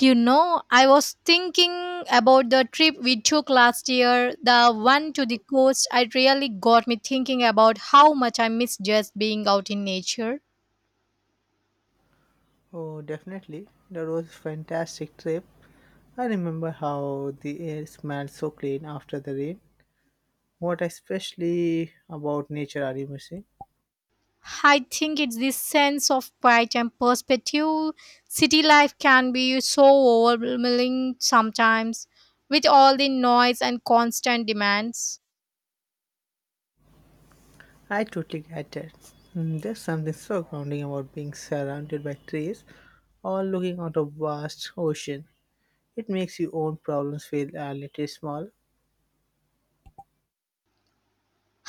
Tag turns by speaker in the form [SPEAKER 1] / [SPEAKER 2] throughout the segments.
[SPEAKER 1] You know, I was thinking about the trip we took last year, the one to the coast. It really got me thinking about how much I miss just being out in nature.
[SPEAKER 2] Oh, definitely. That was a fantastic trip. I remember how the air smelled so clean after the rain. What especially about nature are you missing?
[SPEAKER 1] I think it's this sense of quiet and perspective. City life can be so overwhelming sometimes with all the noise and constant demands.
[SPEAKER 2] I totally get it. There's something so grounding about being surrounded by trees or looking out a vast ocean. It makes your own problems feel a little small.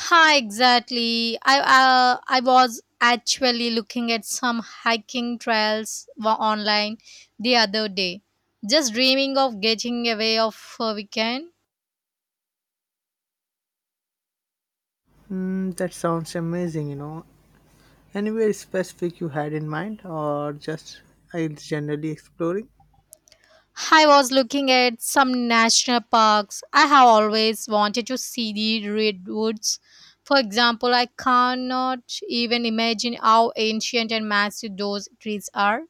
[SPEAKER 1] Hi, exactly. I was actually looking at some hiking trails online the other day, just dreaming of getting away of a weekend.
[SPEAKER 2] That sounds amazing, you know. Anywhere specific you had in mind or just generally exploring?
[SPEAKER 1] I was looking at some national parks. I have always wanted to see the redwoods. For example, I cannot even imagine how ancient and massive those trees are.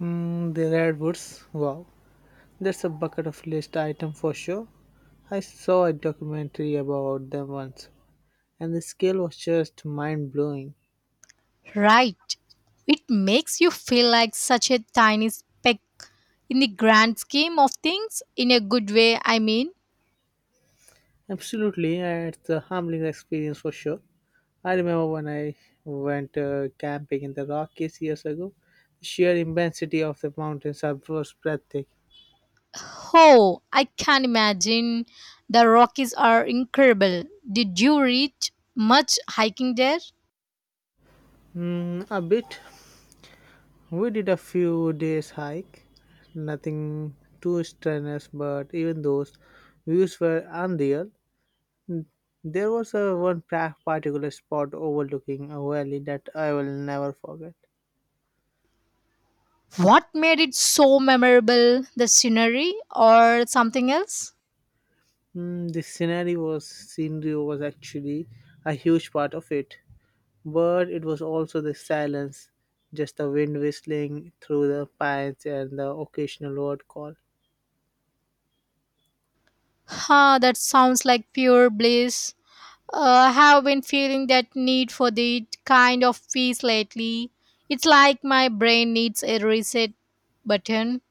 [SPEAKER 2] Mm, the redwoods. Wow, that's a bucket of list item for sure. I saw a documentary about them once, and the scale was just mind blowing.
[SPEAKER 1] Right. It makes you feel like such a tiny speck in the grand scheme of things, in a good way, I mean.
[SPEAKER 2] Absolutely, it's a humbling experience for sure. I remember when I went camping in the Rockies years ago. The sheer immensity of the was breathtaking.
[SPEAKER 1] Oh, I can imagine. The Rockies are incredible. Did you reach much hiking there?
[SPEAKER 2] Mm, a bit. We did a few days hike, nothing too strenuous, but even those views were unreal. There was particular spot overlooking a valley that I will never forget.
[SPEAKER 1] What made it so memorable? The scenery or something else?
[SPEAKER 2] Mm, the scenery was actually a huge part of it, but it was also the silence, just the wind whistling through the pines and the occasional word call.
[SPEAKER 1] Huh, that sounds like pure bliss. Uh, I have been feeling that need for that kind of peace lately. It's like my brain needs a reset button.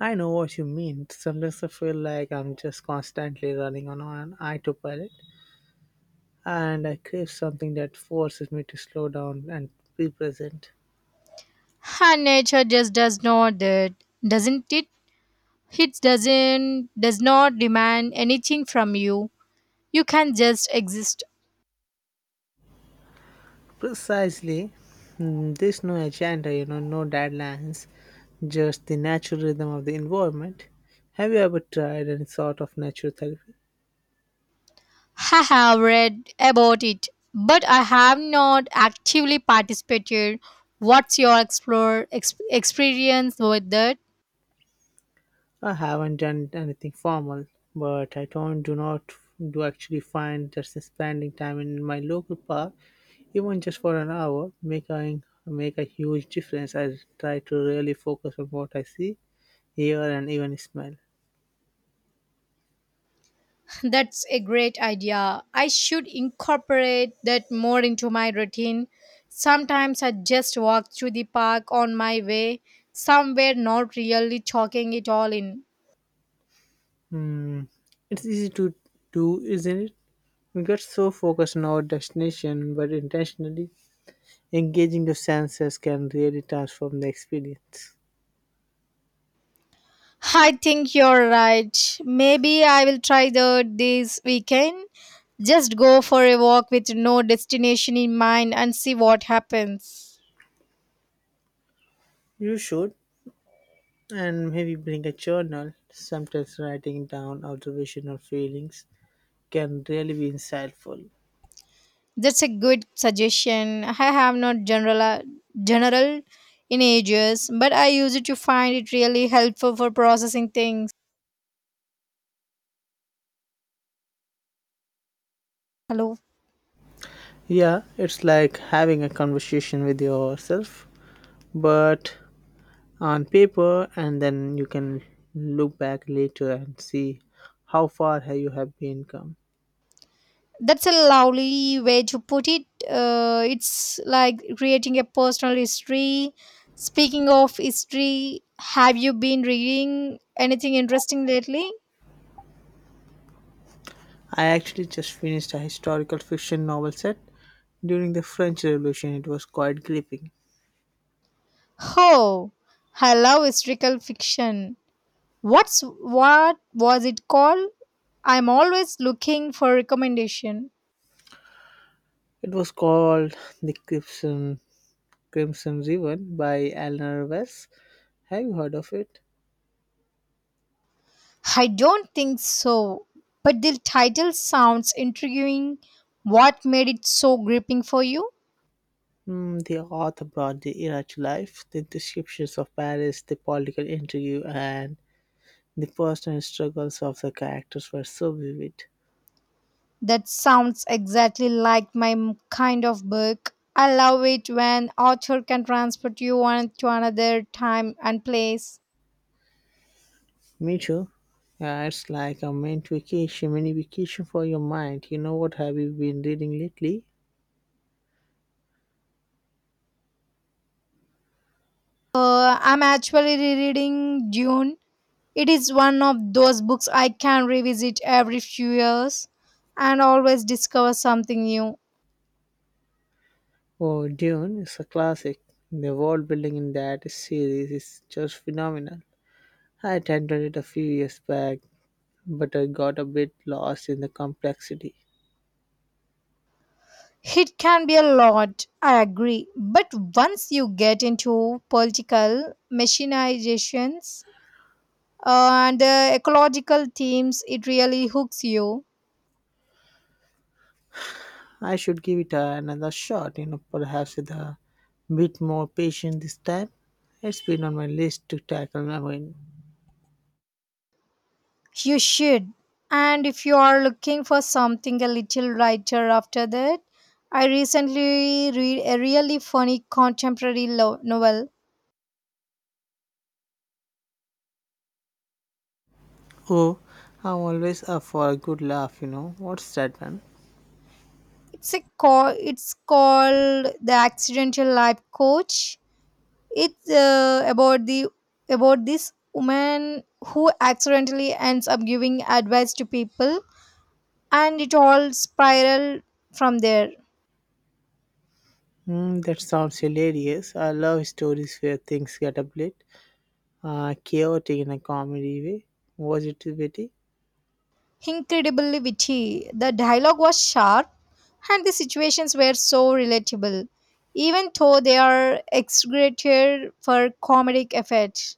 [SPEAKER 2] I know what you mean. Sometimes I feel like I'm just constantly running on an autopilot, and I crave something that forces me to slow down and be present.
[SPEAKER 1] And nature just does not that, doesn't it? It doesn't does not demand anything from you. You can just exist.
[SPEAKER 2] Precisely. There's no agenda, you know, no deadlines, just the natural rhythm of the environment. Have you ever tried any sort of natural therapy?
[SPEAKER 1] I have read about it, but I have not actively participated. What's your experience with that?
[SPEAKER 2] I haven't done anything formal, but I don't do not do actually find that spending time in my local park, even just for an hour, making make a huge difference. I try to really focus on what I see, hear, and even smell.
[SPEAKER 1] That's a great idea. I should incorporate that more into my routine. Sometimes I just walk through the park on my way, somewhere not really chalking it all in.
[SPEAKER 2] Hmm, it's easy to do, isn't it? We get so focused on our destination, but intentionally engaging the senses can really transform the experience.
[SPEAKER 1] I think you're right. Maybe I will try that this weekend. Just go for a walk with no destination in mind and see what happens.
[SPEAKER 2] You should. And maybe bring a journal. Sometimes writing down observation or feelings can really be insightful.
[SPEAKER 1] That's a good suggestion. I have not general in ages, but I use it to find it really helpful for processing things. Hello.
[SPEAKER 2] Yeah, it's like having a conversation with yourself, but on paper, and then you can look back later and see how far have been come.
[SPEAKER 1] That's a lovely way to put it. It's like creating a personal history. Speaking of history, have you been reading anything interesting lately?
[SPEAKER 2] I actually just finished a historical fiction novel set during the French Revolution. It was quite gripping.
[SPEAKER 1] Oh, I love historical fiction. What was it called? I'm always looking for recommendation.
[SPEAKER 2] It was called The Crimson River by Eleanor West. Have you heard of it?
[SPEAKER 1] I don't think so, but the title sounds intriguing. What made it so gripping for you?
[SPEAKER 2] Hmm, the author brought the era to life. The descriptions of Paris, the political intrigue, and the personal struggles of the characters were so vivid.
[SPEAKER 1] That sounds exactly like kind of book. I love it when author can transport you one to another time and place.
[SPEAKER 2] Me too. Yeah, it's like a mini vacation for your mind. You know what have you been reading lately?
[SPEAKER 1] I'm actually rereading Dune. It is one of those books I can revisit every few years and always discover something new.
[SPEAKER 2] Oh, Dune is a classic. The world building in that series is just phenomenal. I attended it a few years back, but I got a bit lost in the complexity.
[SPEAKER 1] It can be a lot, I agree. But once you get into political machinations and ecological themes, it really hooks you.
[SPEAKER 2] I should give it another shot, you know, perhaps with a bit more patience this time. It's been on my list to tackle. I mean,
[SPEAKER 1] You should. And if you are looking for something a little lighter after that, I recently read a really funny contemporary novel.
[SPEAKER 2] oh, I'm always up for a good laugh, you know. What's that one?
[SPEAKER 1] It's a call. It's called The Accidental Life Coach. It's about the about this woman who accidentally ends up giving advice to people, and it all spiraled from there.
[SPEAKER 2] Mm, that sounds hilarious. I love stories where things get a bit chaotic in a comedy way. Was it witty?
[SPEAKER 1] Incredibly witty. The dialogue was sharp, and the situations were so relatable, even though they are exaggerated for comedic effect.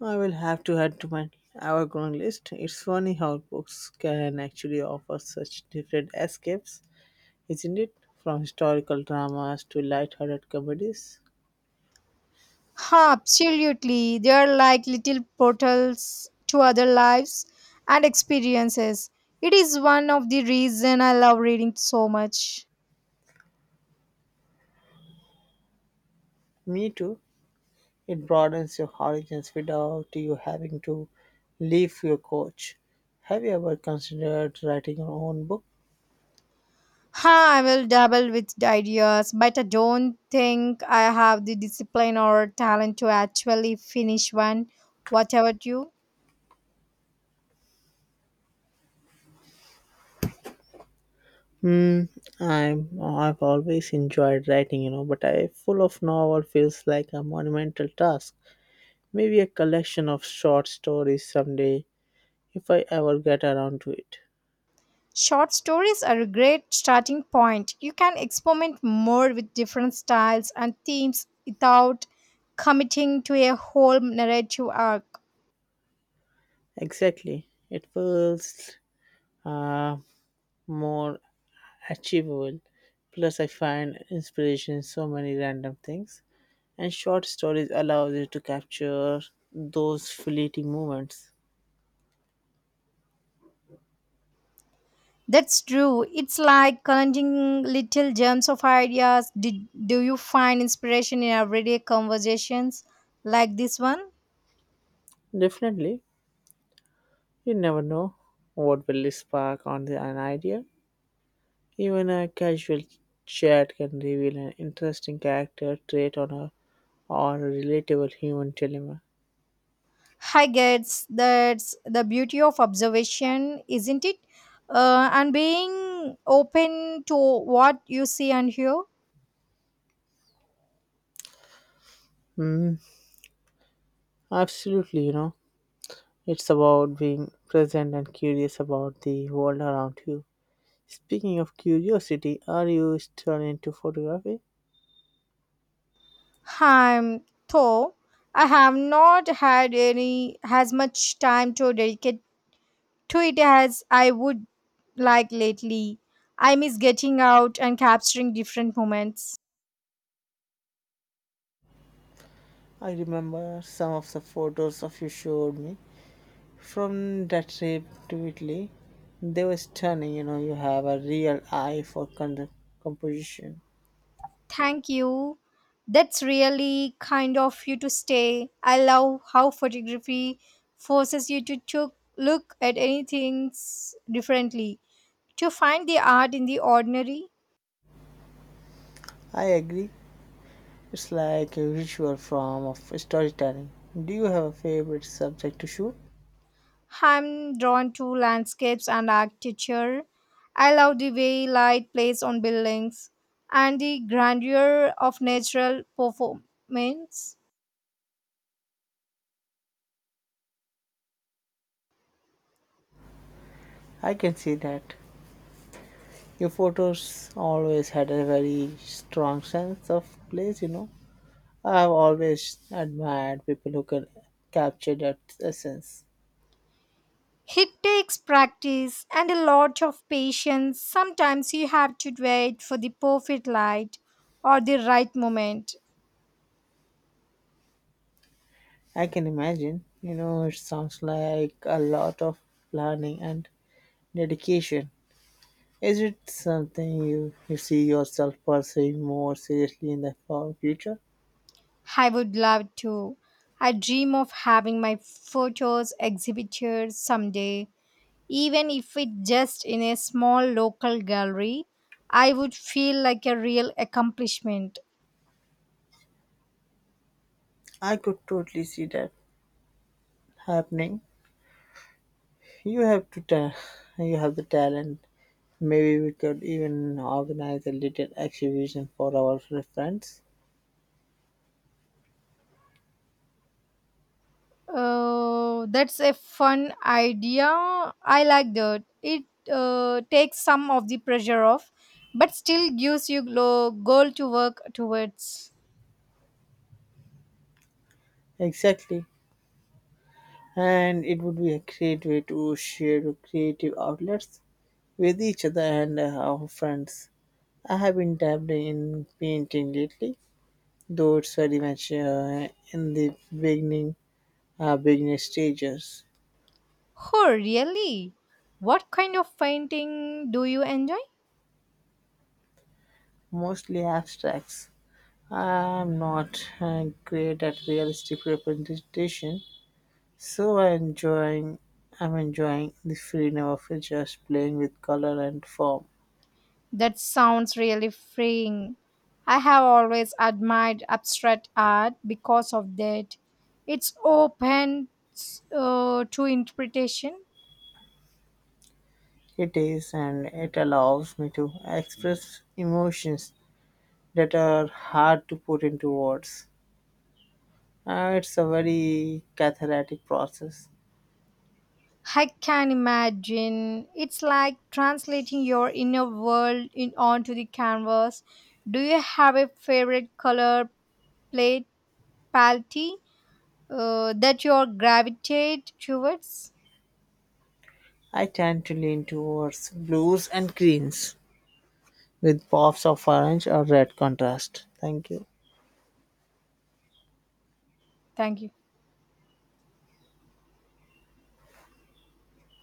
[SPEAKER 2] I will have to add to my hour-long list. It's funny how books can actually offer such different escapes, isn't it? From historical dramas to light-hearted comedies.
[SPEAKER 1] Huh, absolutely. They are like little portals to other lives and experiences. It is one of the reason I love reading so much.
[SPEAKER 2] Me too. It broadens your horizons without you having to leave your couch. Have you ever considered writing your own book?
[SPEAKER 1] Huh, I will dabble with the ideas, but I don't think I have the discipline or talent to actually finish one. What about you?
[SPEAKER 2] Hmm, I've always enjoyed writing, you know, but I full of novel feels like a monumental task. Maybe a collection of short stories someday, if I ever get around to it.
[SPEAKER 1] Short stories are a great starting point. You can experiment more with different styles and themes without committing to a whole narrative arc.
[SPEAKER 2] Exactly. It feels uh, more achievable. Plus, I find inspiration in so many random things, and short stories allows you to capture those fleeting moments.
[SPEAKER 1] That's true. It's like collecting little gems of ideas. Do you find inspiration in everyday conversations like this one?
[SPEAKER 2] Definitely, you never know what will spark an idea. Even a casual chat can reveal an interesting character trait on a or a relatable human dilemma.
[SPEAKER 1] I guess that's the beauty of observation, isn't it? And being open to what you see and hear.
[SPEAKER 2] Hmm, absolutely, you know, it's about being present and curious about the world around you. Speaking of curiosity, are you still into photography?
[SPEAKER 1] I'm though I have not had any as much time to dedicate to it as I would like lately. I miss getting out and capturing different moments.
[SPEAKER 2] I remember some of the photos of you showed me from that trip to Italy. They were stunning, you know, you have a real eye for composition.
[SPEAKER 1] Thank you. That's really kind of you to stay. I love how photography forces you to look at anything differently, to find the art in the ordinary.
[SPEAKER 2] I agree, it's like a visual form of storytelling. Do you have a favorite subject to shoot?
[SPEAKER 1] I'm drawn to landscapes and architecture. I love the way light plays on buildings and the grandeur of natural performance.
[SPEAKER 2] I can see that. Your photos always had a very strong sense of place, you know. I've always admired people who can capture that essence.
[SPEAKER 1] It takes practice and a lot of patience. Sometimes you have to wait for the perfect light or the right moment.
[SPEAKER 2] I can imagine, you know, it sounds like a lot of planning and dedication. Is it something you see yourself pursuing more seriously in the far future?
[SPEAKER 1] I would love to. I dream of having my photos exhibited someday. Even if it just in a small local gallery, I would feel like a real accomplishment.
[SPEAKER 2] I could totally see that happening. You have to ta- you have the talent. Maybe we could even organize a little exhibition for our friends.
[SPEAKER 1] That's a fun idea. I like that. It takes some of the pressure off, but still gives you goal to work towards.
[SPEAKER 2] Exactly. And it would be a great way to share your creative outlets with each other and our friends. I have been dabbling in painting lately, though it's very much in the beginning stages,
[SPEAKER 1] Oh, really? What kind of painting do you enjoy?
[SPEAKER 2] mostly abstracts. I'm not great at realistic representation, so I'm enjoying the freedom of just playing with color and form.
[SPEAKER 1] That sounds really freeing. I have always admired abstract art because of that. It's open to interpretation.
[SPEAKER 2] It is, and it allows me to express emotions that are hard to put into words. It's a very cathartic process.
[SPEAKER 1] I can imagine. It's like translating your inner world in onto the canvas. Do you have a favorite color plate palette that you gravitate towards?
[SPEAKER 2] I tend to lean towards blues and greens with pops of orange or red contrast. Thank you.
[SPEAKER 1] Thank you.